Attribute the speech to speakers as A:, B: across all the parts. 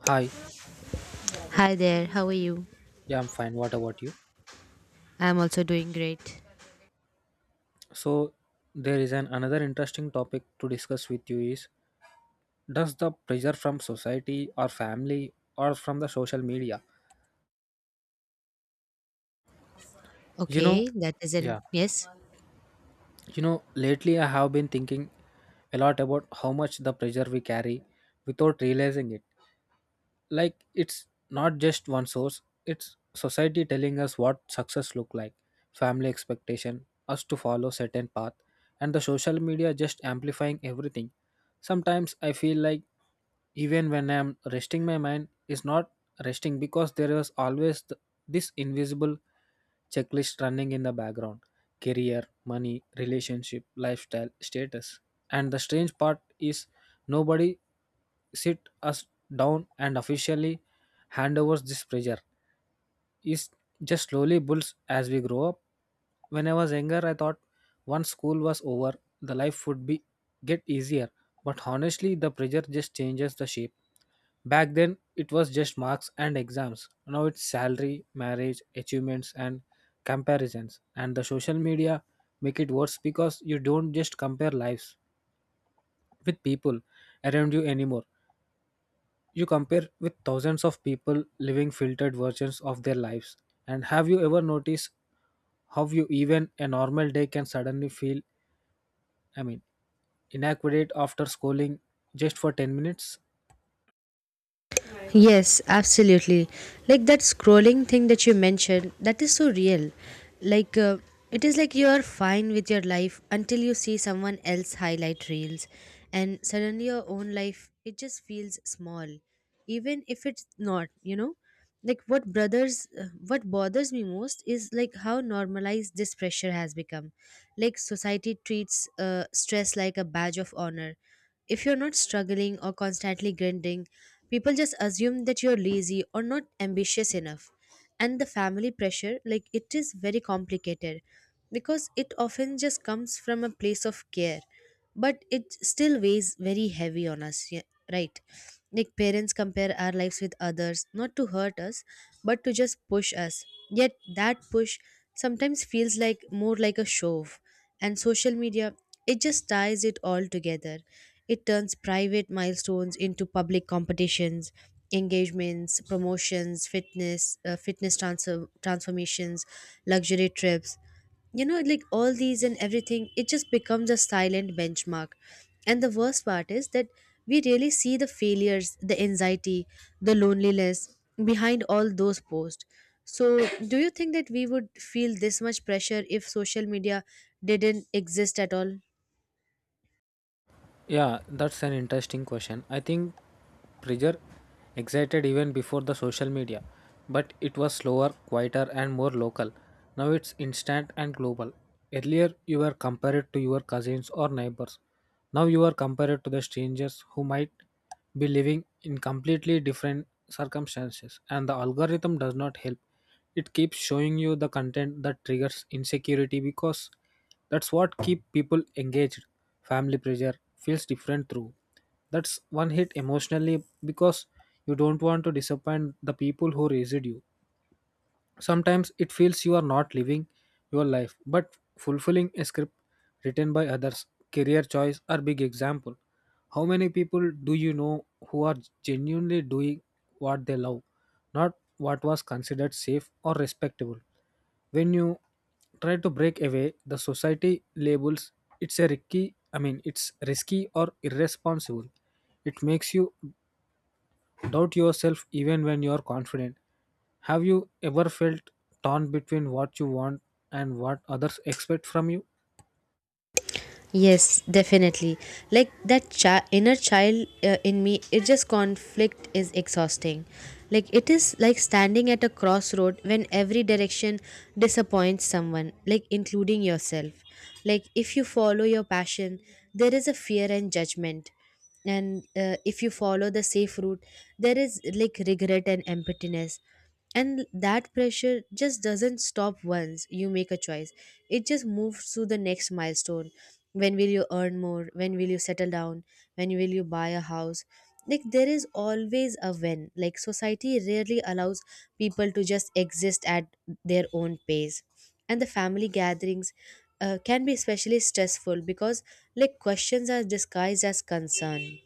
A: Hi,
B: Hi there, how are you?
A: yeah, I'm fine. What about you?
B: I'm also doing great.
A: So, there is an another interesting topic to discuss with you is does the pressure from society or family or from the social media? You know,
B: Okay, that is an
A: yeah,
B: yes.
A: Lately I have been thinking a lot about how much the pressure we carry without realizing it. Like it's not just one source, it's society telling us what success look like, family expectation us to follow certain path, and the social media just amplifying everything. Sometimes I feel like even when I'm resting my mind is not resting because there is always this invisible checklist running in the background: career, money, relationship, lifestyle, status. And the strange part is nobody sit us down and officially hand over this pressure. It just slowly builds as we grow up. When I was younger, I thought once school was over, the life would be get easier. But honestly, the pressure just changes the shape. Back then, it was just marks and exams. Now it's salary, marriage, achievements, and comparisons. And the social media make it worse because you don't just compare lives with people around you anymore. You compare with thousands of people living filtered versions of their lives. And have you ever noticed how you even a normal day can suddenly feel, I mean, inadequate after scrolling just for 10 minutes?
B: Yes, absolutely. Like that scrolling thing that you mentioned, that is so real. Like it is like you're fine with your life until you see someone else highlight reels, and suddenly your own life it just feels small, even if it's not, you know? Like what bothers me most is like how normalized this pressure has become. Like society treats stress like a badge of honor. If you're not struggling or constantly grinding, people just assume that you're lazy or not ambitious enough. And the family pressure, like it is very complicated because it often just comes from a place of care, but it still weighs very heavy on us, yeah, right? Like parents compare our lives with others, not to hurt us, but to just push us. Yet that push sometimes feels like more like a shove, and social media, it just ties it all together. It turns private milestones into public competitions: engagements, promotions, fitness transformations, luxury trips. You know, like all these and everything, it just becomes a silent benchmark. And the worst part is that we really see the failures, the anxiety, the loneliness behind all those posts. So, do you think that we would feel this much pressure if social media didn't exist at all?
A: Yeah, that's an interesting question. I think pressure excited even before the social media, but it was slower, quieter, and more local. Now it's instant and global. Earlier, you were compared to your cousins or neighbors. Now you are compared to the strangers who might be living in completely different circumstances, and the algorithm does not help. It keeps showing you the content that triggers insecurity because that's what keep people engaged. Family pressure feels different through, that's one hit emotionally because you don't want to disappoint the people who raised you. Sometimes it feels you are not living your life but fulfilling a script written by others. Career choice are big example. How many people do you know who are genuinely doing what they love, not what was considered safe or respectable? When you try to break away, the society labels it's a it's risky or irresponsible. It makes you doubt yourself even when you are confident. Have you ever felt torn between what you want and what others expect from you?
B: Yes, definitely. Like that inner child in me, it just conflict is exhausting. Like it is like standing at a crossroad when every direction disappoints someone, like including yourself. Like if you follow your passion, there is a fear and judgment. And if you follow the safe route, there is like regret and emptiness. And that pressure just doesn't stop once you make a choice. It just moves to the next milestone. When will you earn more? When will you settle down? When will you buy a house? Like there is always a when. Like society rarely allows people to just exist at their own pace. And the family gatherings can be especially stressful because like questions are disguised as concern.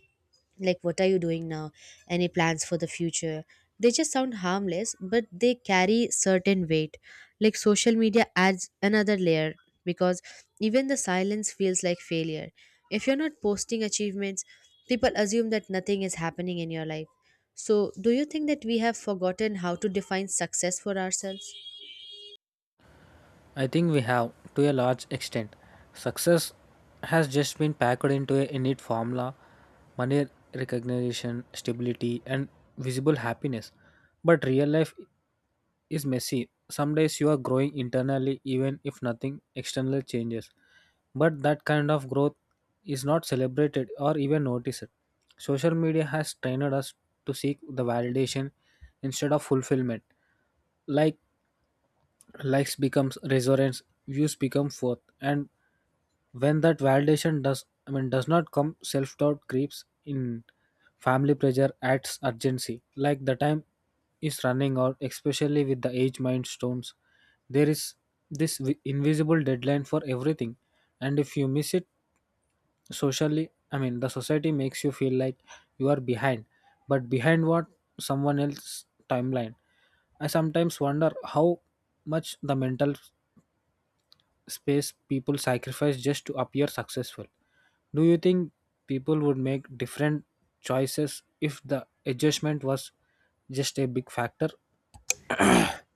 B: Like what are you doing now? Any plans for the future? They just sound harmless, but they carry certain weight. Like social media adds another layer because even the silence feels like failure. If you're not posting achievements, people assume that nothing is happening in your life. So, do you think that we have forgotten how to define success for ourselves?
A: I think we have, to a large extent. Success has just been packed into a innate formula: money, recognition, stability, and visible happiness. But real life is messy. Some days you are growing internally even if nothing external changes. But that kind of growth is not celebrated or even noticed. Social media has trained us to seek the validation instead of fulfillment. Like likes becomes resonance, views become forth, and when that validation does I mean does not come, self-doubt creeps in. Family pressure adds urgency, like the time is running out, especially with the age milestones. There is invisible deadline for everything, and if you miss it the society makes you feel like you are behind, but behind what? Someone else's timeline. I sometimes wonder how much the mental space people sacrifice just to appear successful. Do you think people would make different choices if the adjustment was just a big factor?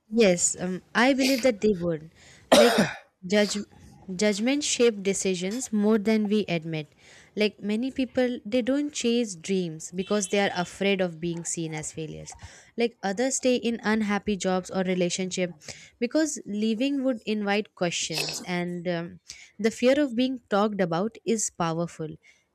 B: Yes, I believe that they would. Like judge, judgment shape decisions more than we admit. Like many people, they don't chase dreams because they are afraid of being seen as failures. Like others stay in unhappy jobs or relationship because leaving would invite questions, and the fear of being talked about is powerful.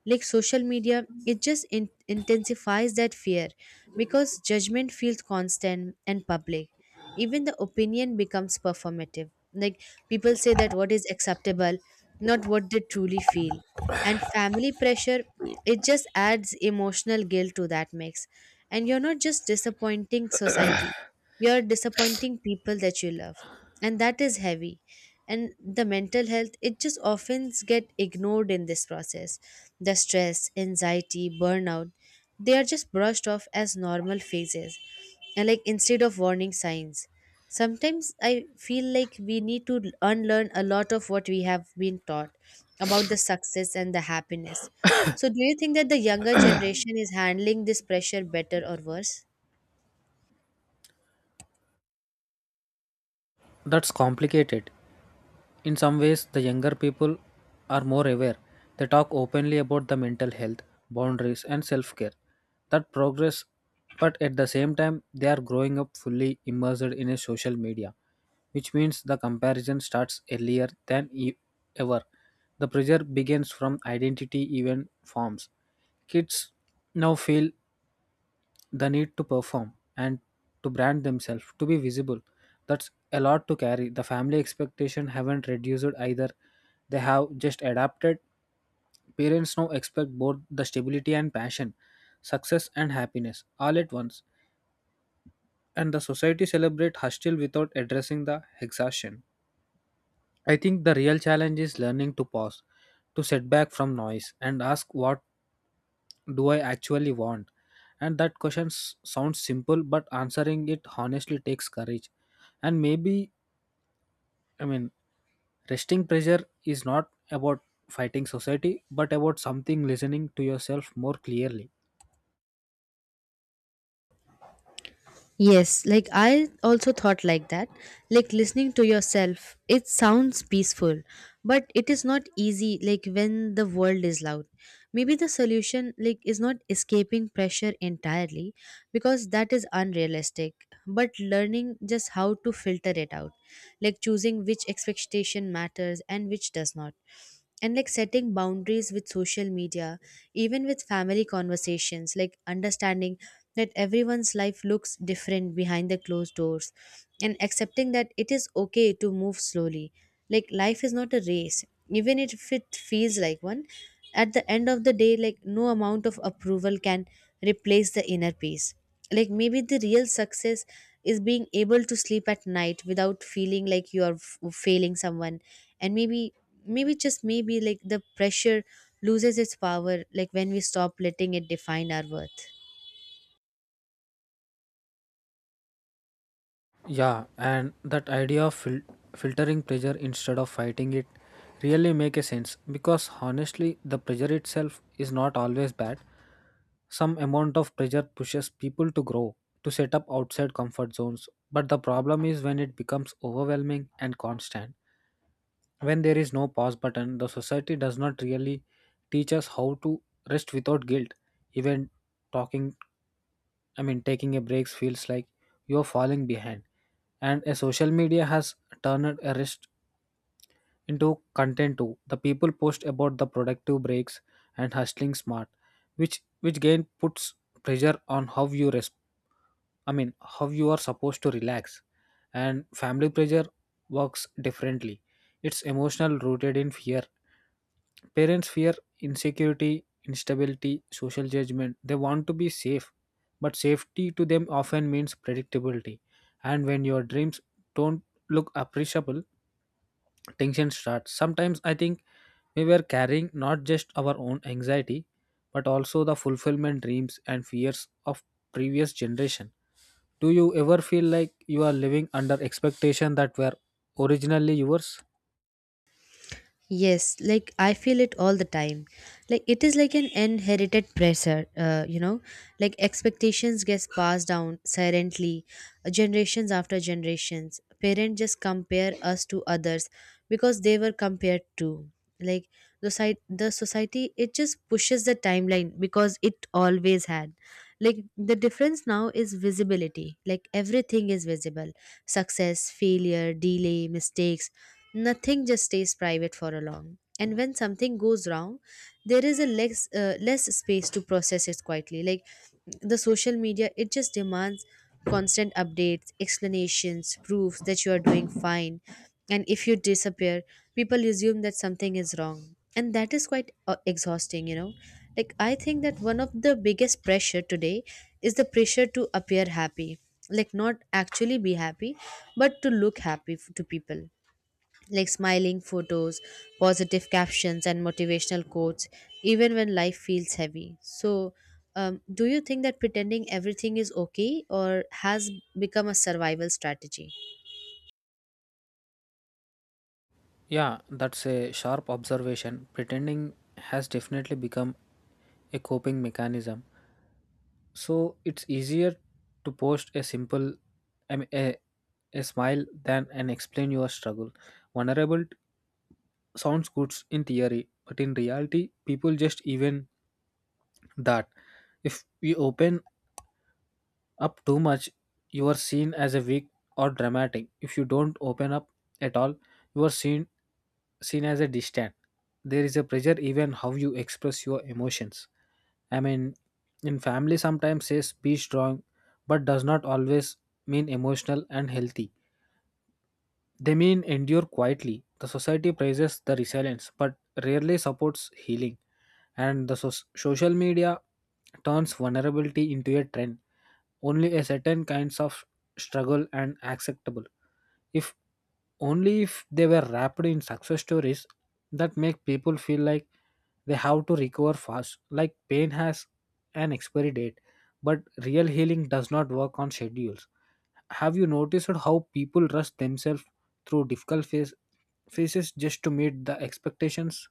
B: Like social media, it just intensifies that fear because judgment feels constant and public. Even the opinion becomes performative, like people say that what is acceptable, not what they truly feel. And family pressure, it just adds emotional guilt to that mix. And you're not just disappointing society, you're disappointing people that you love, and that is heavy. And the mental health, it just often get ignored in this process. The stress, anxiety, burnout, they are just brushed off as normal phases and like instead of warning signs. Sometimes I feel like we need to unlearn a lot of what we have been taught about the success and the happiness. So do you think that the younger generation is handling this pressure better or worse?
A: That's complicated. In some ways, the younger people are more aware. They talk openly about the mental health, boundaries, and self care. That progress, but at the same time, they are growing up fully immersed in a social media, which means the comparison starts earlier than ever. The pressure begins from identity, even forms. Kids now feel the need to perform and to brand themselves to be visible. That's a lot to carry. The family expectation haven't reduced either, they have just adapted. Parents now expect both the stability and passion, success and happiness all at once, and the society celebrate hustle without addressing the exhaustion. I think the real challenge is learning to pause, to set back from noise and ask, what do I actually want? And that question sounds simple, but answering it honestly takes courage. And I mean, resting pressure is not about fighting society, but about something listening to yourself more clearly.
B: Yes, like I also thought like that. Like listening to yourself, it sounds peaceful, but it is not easy like when the world is loud. Maybe the solution like is not escaping pressure entirely because that is unrealistic, but learning just how to filter it out. Like choosing which expectation matters and which does not, and like setting boundaries with social media, even with family conversations. Like understanding that everyone's life looks different behind the closed doors, and accepting that it is okay to move slowly. Like life is not a race, even if it feels like one. At the end of the day, like no amount of approval can replace the inner peace. Like maybe the real success is being able to sleep at night without feeling like you are failing someone. And maybe, maybe just maybe, like the pressure loses its power like when we stop letting it define our worth.
A: Yeah, and that idea of filtering pressure instead of fighting it really make a sense because honestly the pressure itself is not always bad. Some amount of pressure pushes people to grow, to set up outside comfort zones. But the problem is when it becomes overwhelming and constant. When there is no pause button, the society does not really teach us how to rest without guilt. Even talking, taking a break feels like you are falling behind. And a social media has turned a rest into content too. The people post about the productive breaks and hustling smart, which again puts pressure on how you respond. I mean, how you are supposed to relax. And family pressure works differently. It's emotional, rooted in fear. Parents fear insecurity, instability, social judgment. They want to be safe, but safety to them often means predictability. And when your dreams don't look appreciable, tension starts. Sometimes I think we were carrying not just our own anxiety, but also the fulfillment dreams and fears of previous generation. Do you ever feel like you are living under expectation that were originally yours?
B: Yes, like I feel it all the time. Like it is like an inherited pressure, you know, like expectations gets passed down silently, generations after generations. Parents just compare us to others because they were compared to. Like the society, it just pushes the timeline because it always had. Like the difference now is visibility. Like everything is visible: success, failure, delay, mistakes. Nothing just stays private for a long, and when something goes wrong there is a less less space to process it quietly. Like the social media, it just demands constant updates, explanations, proofs that you are doing fine. And if you disappear, people assume that something is wrong, and that is quite exhausting, you know. Like I think that one of the biggest pressure today is the pressure to appear happy. Like not actually be happy, but to look happy to people. Like smiling photos, positive captions, and motivational quotes, even when life feels heavy. So, do you think that pretending everything is okay or has become a survival strategy?
A: Yeah, that's a sharp observation. Pretending has definitely become a coping mechanism. So it's easier to post a I mean, a, a smile than and explain your struggle. Vulnerable sounds good in theory, but in reality, people just even that. If we open up too much, you are seen as a weak or dramatic. If you don't open up at all, you are seen as a distant. There is a pressure even how you express your emotions. I mean, in family sometimes says be strong, but does not always mean emotional and healthy. They mean endure quietly. The society praises the resilience, but rarely supports healing. And the social media turns vulnerability into a trend. Only a certain kinds of struggle and acceptable, if only if they were wrapped in success stories that make people feel like they have to recover fast, like pain has an expiry date, but real healing does not work on schedules. Have you noticed how people rush themselves through difficult phases just to meet the expectations?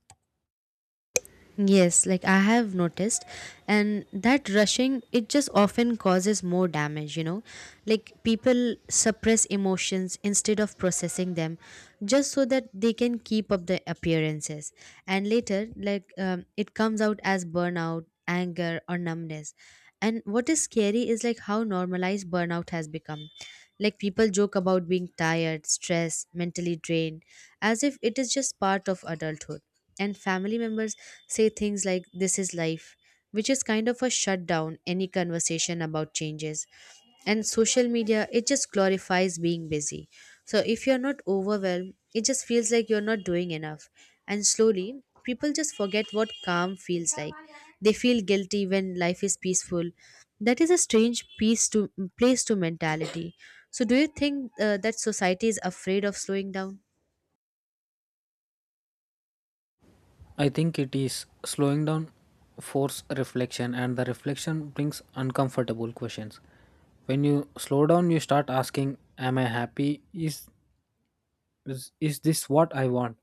B: Yes, like I have noticed, and that rushing it just often causes more damage, you know. Like people suppress emotions instead of processing them just so that they can keep up the appearances, and later, like, it comes out as burnout, anger, or numbness. And what is scary is like how normalized burnout has become. Like people joke about being tired, stressed, mentally drained, as if it is just part of adulthood. And family members say things like this is life, which is kind of a shutdown any conversation about changes. And social media, it just glorifies being busy, so if you're not overwhelmed it just feels like you're not doing enough. And slowly people just forget what calm feels like. They feel guilty when life is peaceful. That is a strange piece to place to mentality. So do you think that society is afraid of slowing down?
A: I think it is slowing down force reflection and the reflection brings uncomfortable questions. When you slow down you start asking, am I happy, is this what I want,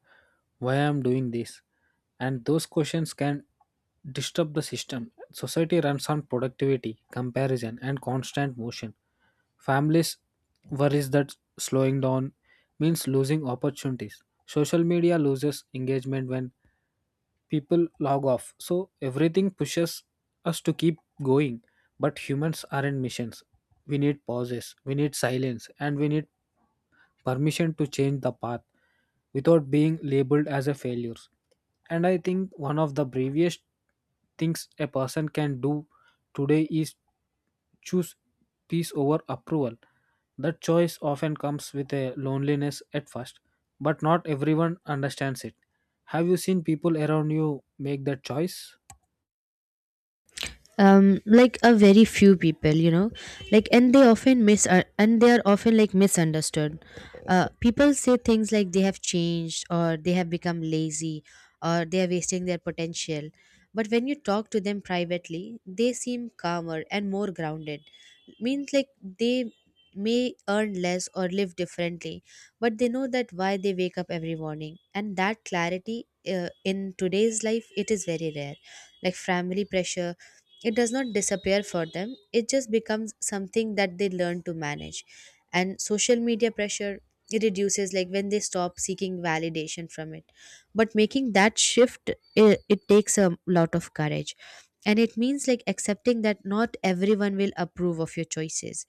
A: why I'm doing this? And those questions can disturb the system. Society runs on productivity, comparison and constant motion. Families worries that slowing down means losing opportunities. Social media loses engagement when people log off. So everything pushes us to keep going. But humans aren't missions. We need pauses, we need silence, and we need permission to change the path without being labeled as a failure. And I think one of the bravest things a person can do today is choose peace over approval. That choice often comes with a loneliness at first, but not everyone understands it. Have you seen people around you make that choice?
B: Um, like a very few people, you know. Like and they are often like misunderstood. People say things like they have changed, or they have become lazy, or they are wasting their potential. But when you talk to them privately, they seem calmer and more grounded. Means like they may earn less or live differently, but they know that why they wake up every morning, and that clarity in today's life it is very rare. Like family pressure, it does not disappear for them. It just becomes something that they learn to manage. And social media pressure, it reduces like when they stop seeking validation from it. But making that shift, it takes a lot of courage. And it means like accepting that not everyone will approve of your choices,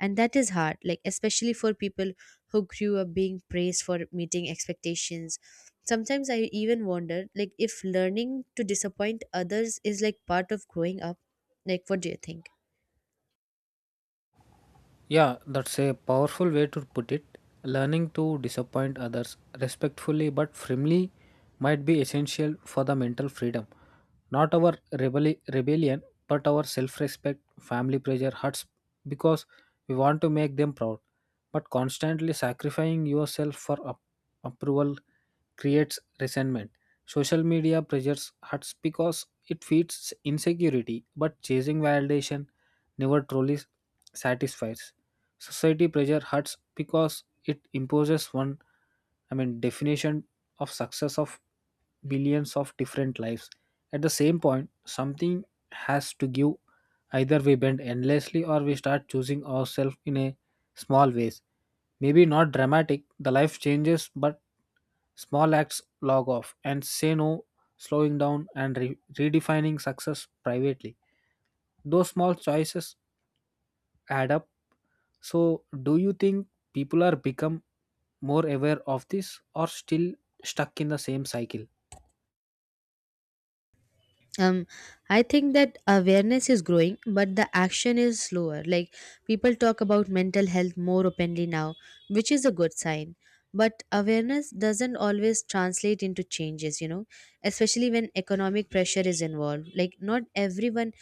B: and that is hard, like especially for people who grew up being praised for meeting expectations. Sometimes I even wonder like if learning to disappoint others is like part of growing up. Like what do you think?
A: Yeah, that's a powerful way to put it. Learning to disappoint others respectfully but firmly might be essential for the mental freedom. Not our rebellion, but our self respect. Family pressure hurts because we want to make them proud. But constantly sacrificing yourself for approval creates resentment. Social media pressures hurts because it feeds insecurity, but chasing validation never truly satisfies. Society pressure hurts because it imposes definition of success of billions of different lives. At the same point, something has to give. Either we bend endlessly or we start choosing ourselves in a small ways. Maybe not dramatic, the life changes, but small acts log off and say no, slowing down and redefining success privately. Those small choices add up. So, do you think people are become more aware of this or still stuck in the same cycle?
B: Um, I think that awareness is growing but the action is slower. Like people talk about mental health more openly now, which is a good sign. But awareness doesn't always translate into changes, you know, especially when economic pressure is involved. Like not everyone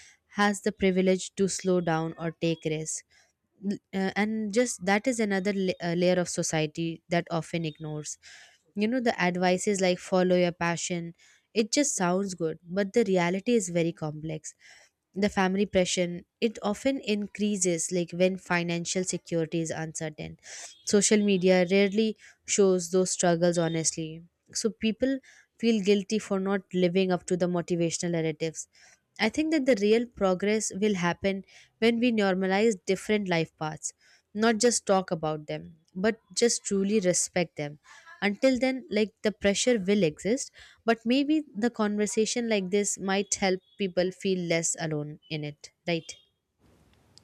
B: has the privilege to slow down or take risks. And just that is another layer of society that often ignores, you know. The advice is like follow your passion. It just sounds good, but the reality is very complex. The family pressure, it often increases like when financial security is uncertain. Social media rarely shows those struggles honestly, so people feel guilty for not living up to the motivational narratives. I think that the real progress will happen when we normalize different life paths, not just talk about them but just truly respect them. Until then, like the pressure will exist, but maybe the conversation like this might help people feel less alone in it, right?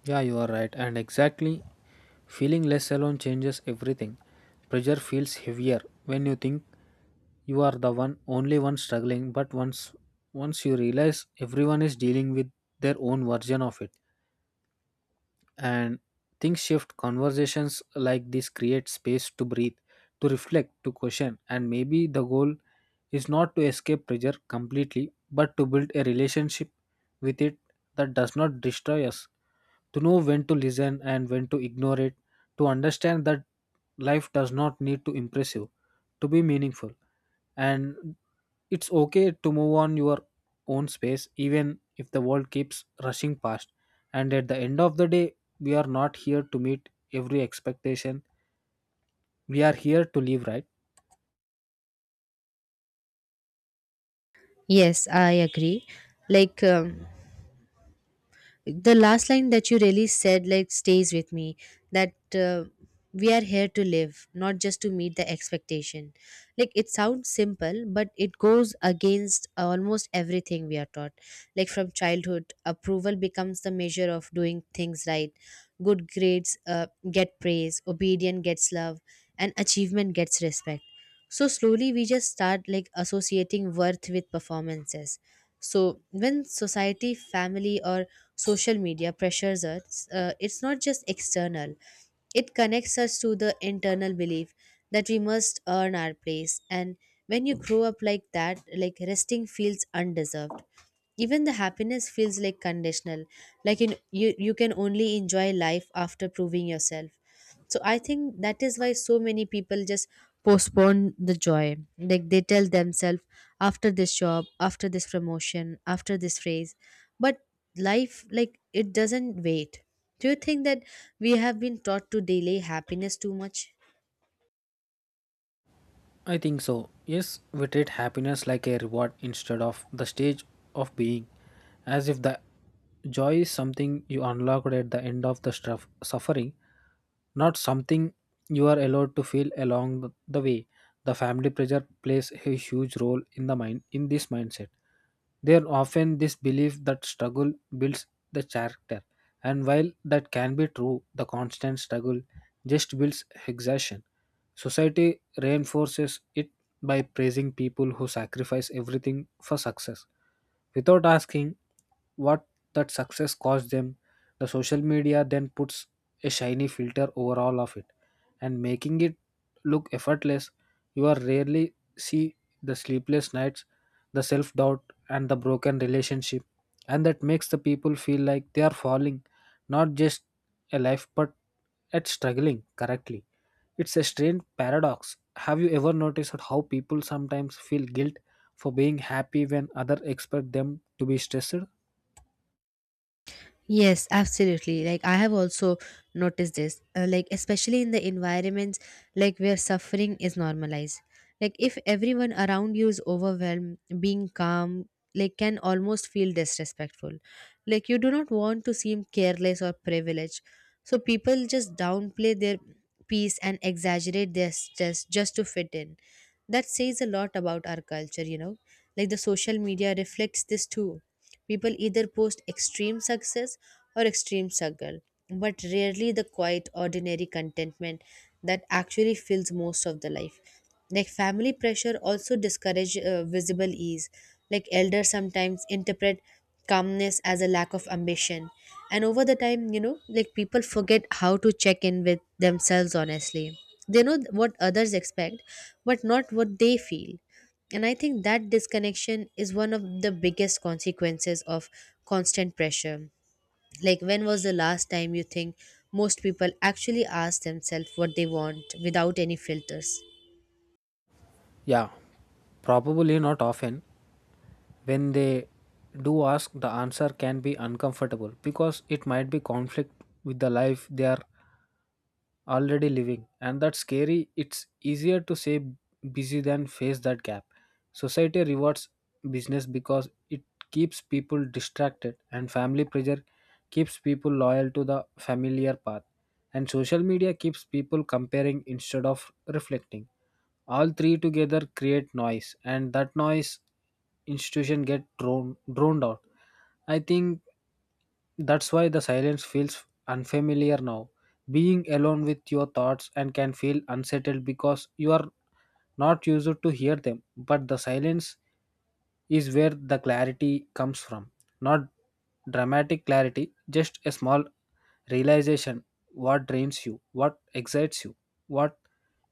A: Yeah, you are right. And exactly, feeling less alone changes everything. Pressure feels heavier when you think you are the one only one struggling, but once you realize everyone is dealing with their own version of it, and things shift. Conversations like this create space to breathe, to reflect, to question, and maybe the goal is not to escape pressure completely but to build a relationship with it that does not destroy us, to know when to listen and when to ignore it, to understand that life does not need to impress you to be meaningful, and it's okay to move on your own space even if the world keeps rushing past. And at the end of the day, we are not here to meet every expectation. We are here to live, right?
B: Yes, I agree. Like the last line that you really said like stays with me. That we are here to live, not just to meet the expectation. Like it sounds simple, but it goes against almost everything we are taught. Like from childhood approval becomes the measure of doing things right. Good grades get praise, obedience gets love, and achievement gets respect. So slowly we just start like associating worth with performances. So when Society, family or social media pressures us, it's not just external. It connects us to the internal belief that we must earn our place. And when you grow up like that, like, resting feels undeserved. Even the happiness feels like conditional, like in, you can only enjoy life after proving yourself. So I think that is why so many people just postpone the joy, like they tell themselves after this job, after this promotion, after this phrase. But life, like, it doesn't wait. Do you think that we have been taught to delay happiness too much?
A: I think so. Yes, we treat happiness like a reward instead of the stage of being, as if the joy is something you unlocked at the end of the stuff, suffering. Not something you are allowed to feel along the way. The family pressure plays a huge role in the mind in this mindset. There are often this belief that struggle builds the character, and while that can be true, the constant struggle just builds exhaustion. Society reinforces it by praising people who sacrifice everything for success without asking what that success cost them. The social media then puts a shiny filter over all of it and making it look effortless. You are rarely see the sleepless nights, the self doubt, and the broken relationship, and that makes the people feel like they are falling not just a life, but at struggling correctly. It's a strange paradox. Have you ever noticed how people sometimes feel guilt for being happy when others expect them to be stressed?
B: Yes, absolutely. Like, I have also noticed this, like especially in the environments like where suffering is normalized. Like, if everyone around you is overwhelmed, being calm like can almost feel disrespectful. Like, you do not want to seem careless or privileged. So people just downplay their peace and exaggerate their stress just to fit in. That says a lot about our culture, you know. Like, the social media reflects this too. People either post extreme success or extreme struggle, but rarely the quiet, ordinary contentment that actually fills most of the life. Like, family pressure also discourage visible ease. Like, elders sometimes interpret calmness as a lack of ambition, and over the time, you know, like, people forget how to check in with themselves honestly. They know what others expect, but not what they feel. And I think that disconnection is one of the biggest consequences of constant pressure. Like, when was the last time you think most people actually ask themselves what they want without any filters?
A: Yeah, probably not often. When they do ask, the answer can be uncomfortable because it might be conflict with the life they are already living, and that's scary. It's easier to say busy than face that gap. Society rewards business because it keeps people distracted, and family pressure keeps people loyal to the familiar path, and social media keeps people comparing instead of reflecting. All three together create noise, and that noise institution get droned out. I think that's why the silence feels unfamiliar now. Being alone with your thoughts and can feel unsettled because you are not used to hear them, but the silence is where the clarity comes from. Not dramatic clarity, just a small realization what drains you, what excites you, what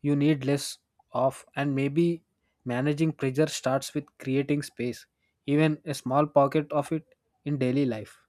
A: you need less of, and maybe managing pressure starts with creating space, even a small pocket of it in daily life.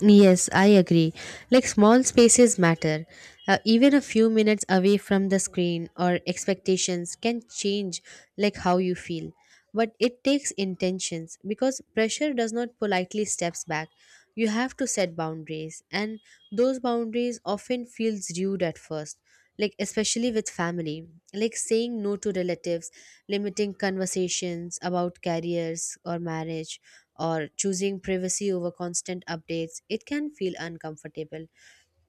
B: Yes, I agree. Like, small spaces matter. Even a few minutes away from the screen or expectations can change like how you feel. But it takes intentions because pressure does not politely steps back. You have to set boundaries, and those boundaries often feels rude at first. Like especially with family, like saying no to relatives, limiting conversations about careers or marriage, or choosing privacy over constant updates, it can feel uncomfortable.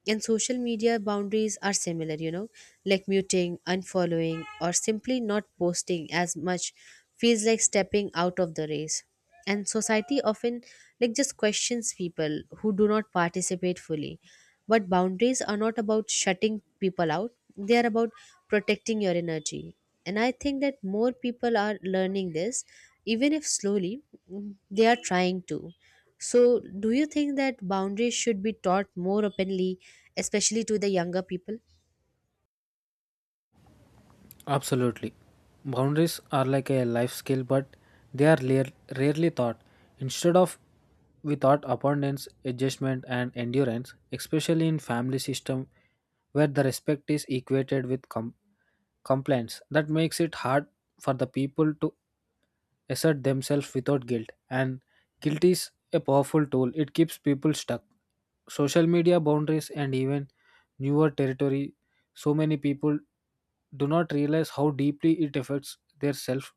B: And social media boundaries are similar, you know, like muting, unfollowing or simply not posting as much feels like stepping out of the race. And society often like just questions people who do not participate fully. But boundaries are not about shutting people out, they are about protecting your energy. And I think that more people are learning this, even if slowly. They are trying to. So do you think that boundaries should be taught more openly, especially to the younger people?
A: Absolutely. Boundaries are like a life skill, but they are lar- rarely thought. Instead of we taught abundance, adjustment, and endurance, especially in family system where the respect is equated with complaints. That makes it hard for the people to assert themselves without guilt. And guilt is a powerful tool, it keeps people stuck. Social media boundaries and even newer territory, so many people do not realize how deeply it affects their self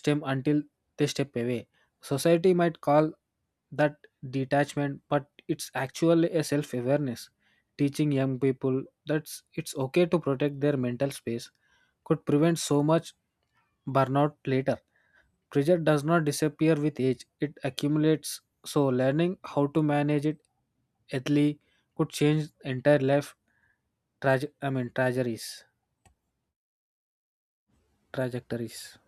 A: stem until they step away. Society might call that detachment, but it's actually a self awareness. Teaching young people that it's okay to protect their mental space could prevent so much burnout later. Pressure does not disappear with age, it accumulates. So, learning how to manage it ethically could change entire life trajectories. trajectories.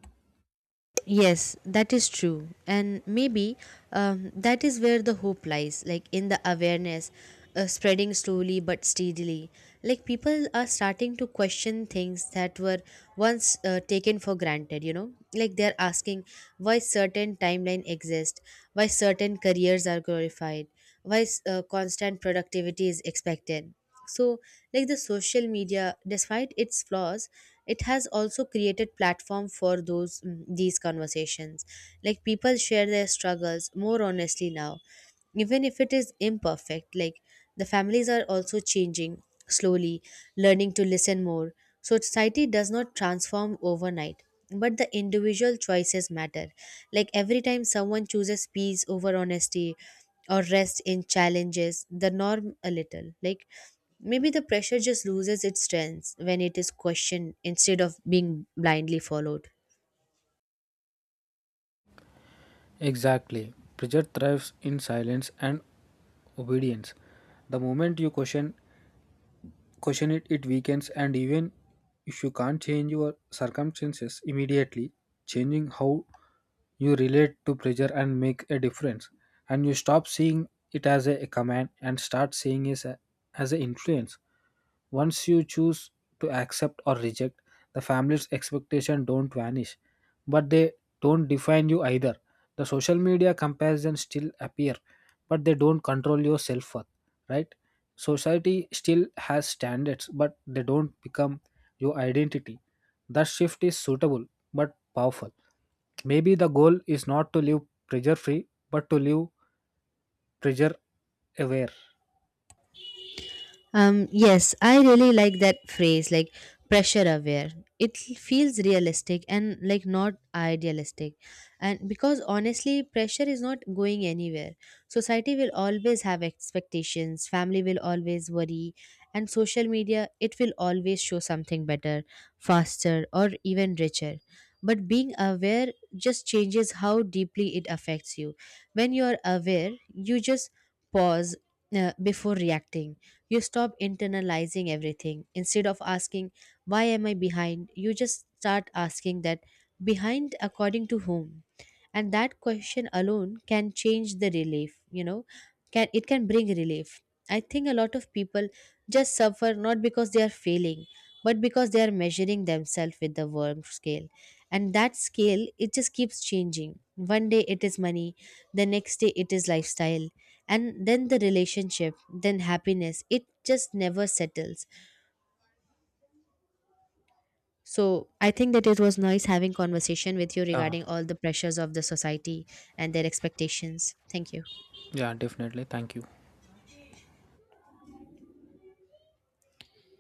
B: Yes, that is true. And maybe that is where the hope lies, like in the awareness spreading slowly but steadily. Like, people are starting to question things that were once taken for granted, you know? Like, they're asking why certain timeline exist, why certain careers are glorified, why constant productivity is expected. So like the social media, despite its flaws, it has also created platform for these conversations. Like, people share their struggles more honestly now, even if it is imperfect. Like the families are also changing slowly, learning to listen more. So society does not transform overnight, but the individual choices matter. Like, every time someone chooses peace over honesty or rest in challenges the norm a little, like maybe the pressure just loses its strength when it is questioned instead of being blindly followed.
A: Exactly. Pleasure thrives in silence and obedience. The moment you question it, it weakens, and even if you can't change your circumstances immediately, changing how you relate to pleasure and make a difference. And you stop seeing it as a command and start seeing it as a influence. Once you choose to accept or reject, the family's expectation don't vanish, but they don't define you either. The social media comparisons still appear, but they don't control your self-worth, right? Society still has standards, but they don't become your identity. That shift is suitable but powerful. Maybe the goal is not to live pressure free, but to live pressure aware.
B: Yes, I really like that phrase, like pressure aware. It feels realistic and like not idealistic. And because honestly, pressure is not going anywhere. Society will always have expectations, family will always worry, and social media, it will always show something better, faster, or even richer. But being aware just changes how deeply it affects you. When you are aware, you just pause before reacting. You stop internalizing everything. Instead of asking, why am I behind? You just start asking that, behind according to whom? And that question alone can change the relief, you know, can bring relief. I think a lot of people just suffer not because they are failing, but because they are measuring themselves with the worm scale. And that scale, it just keeps changing. One day it is money, the next day it is lifestyle, and then the relationship, then happiness, it just never settles. So I think that it was nice having conversation with you
A: Yeah,
B: regarding all the pressures of the society and their expectations. Thank you.
A: yeah, definitely. Thank you.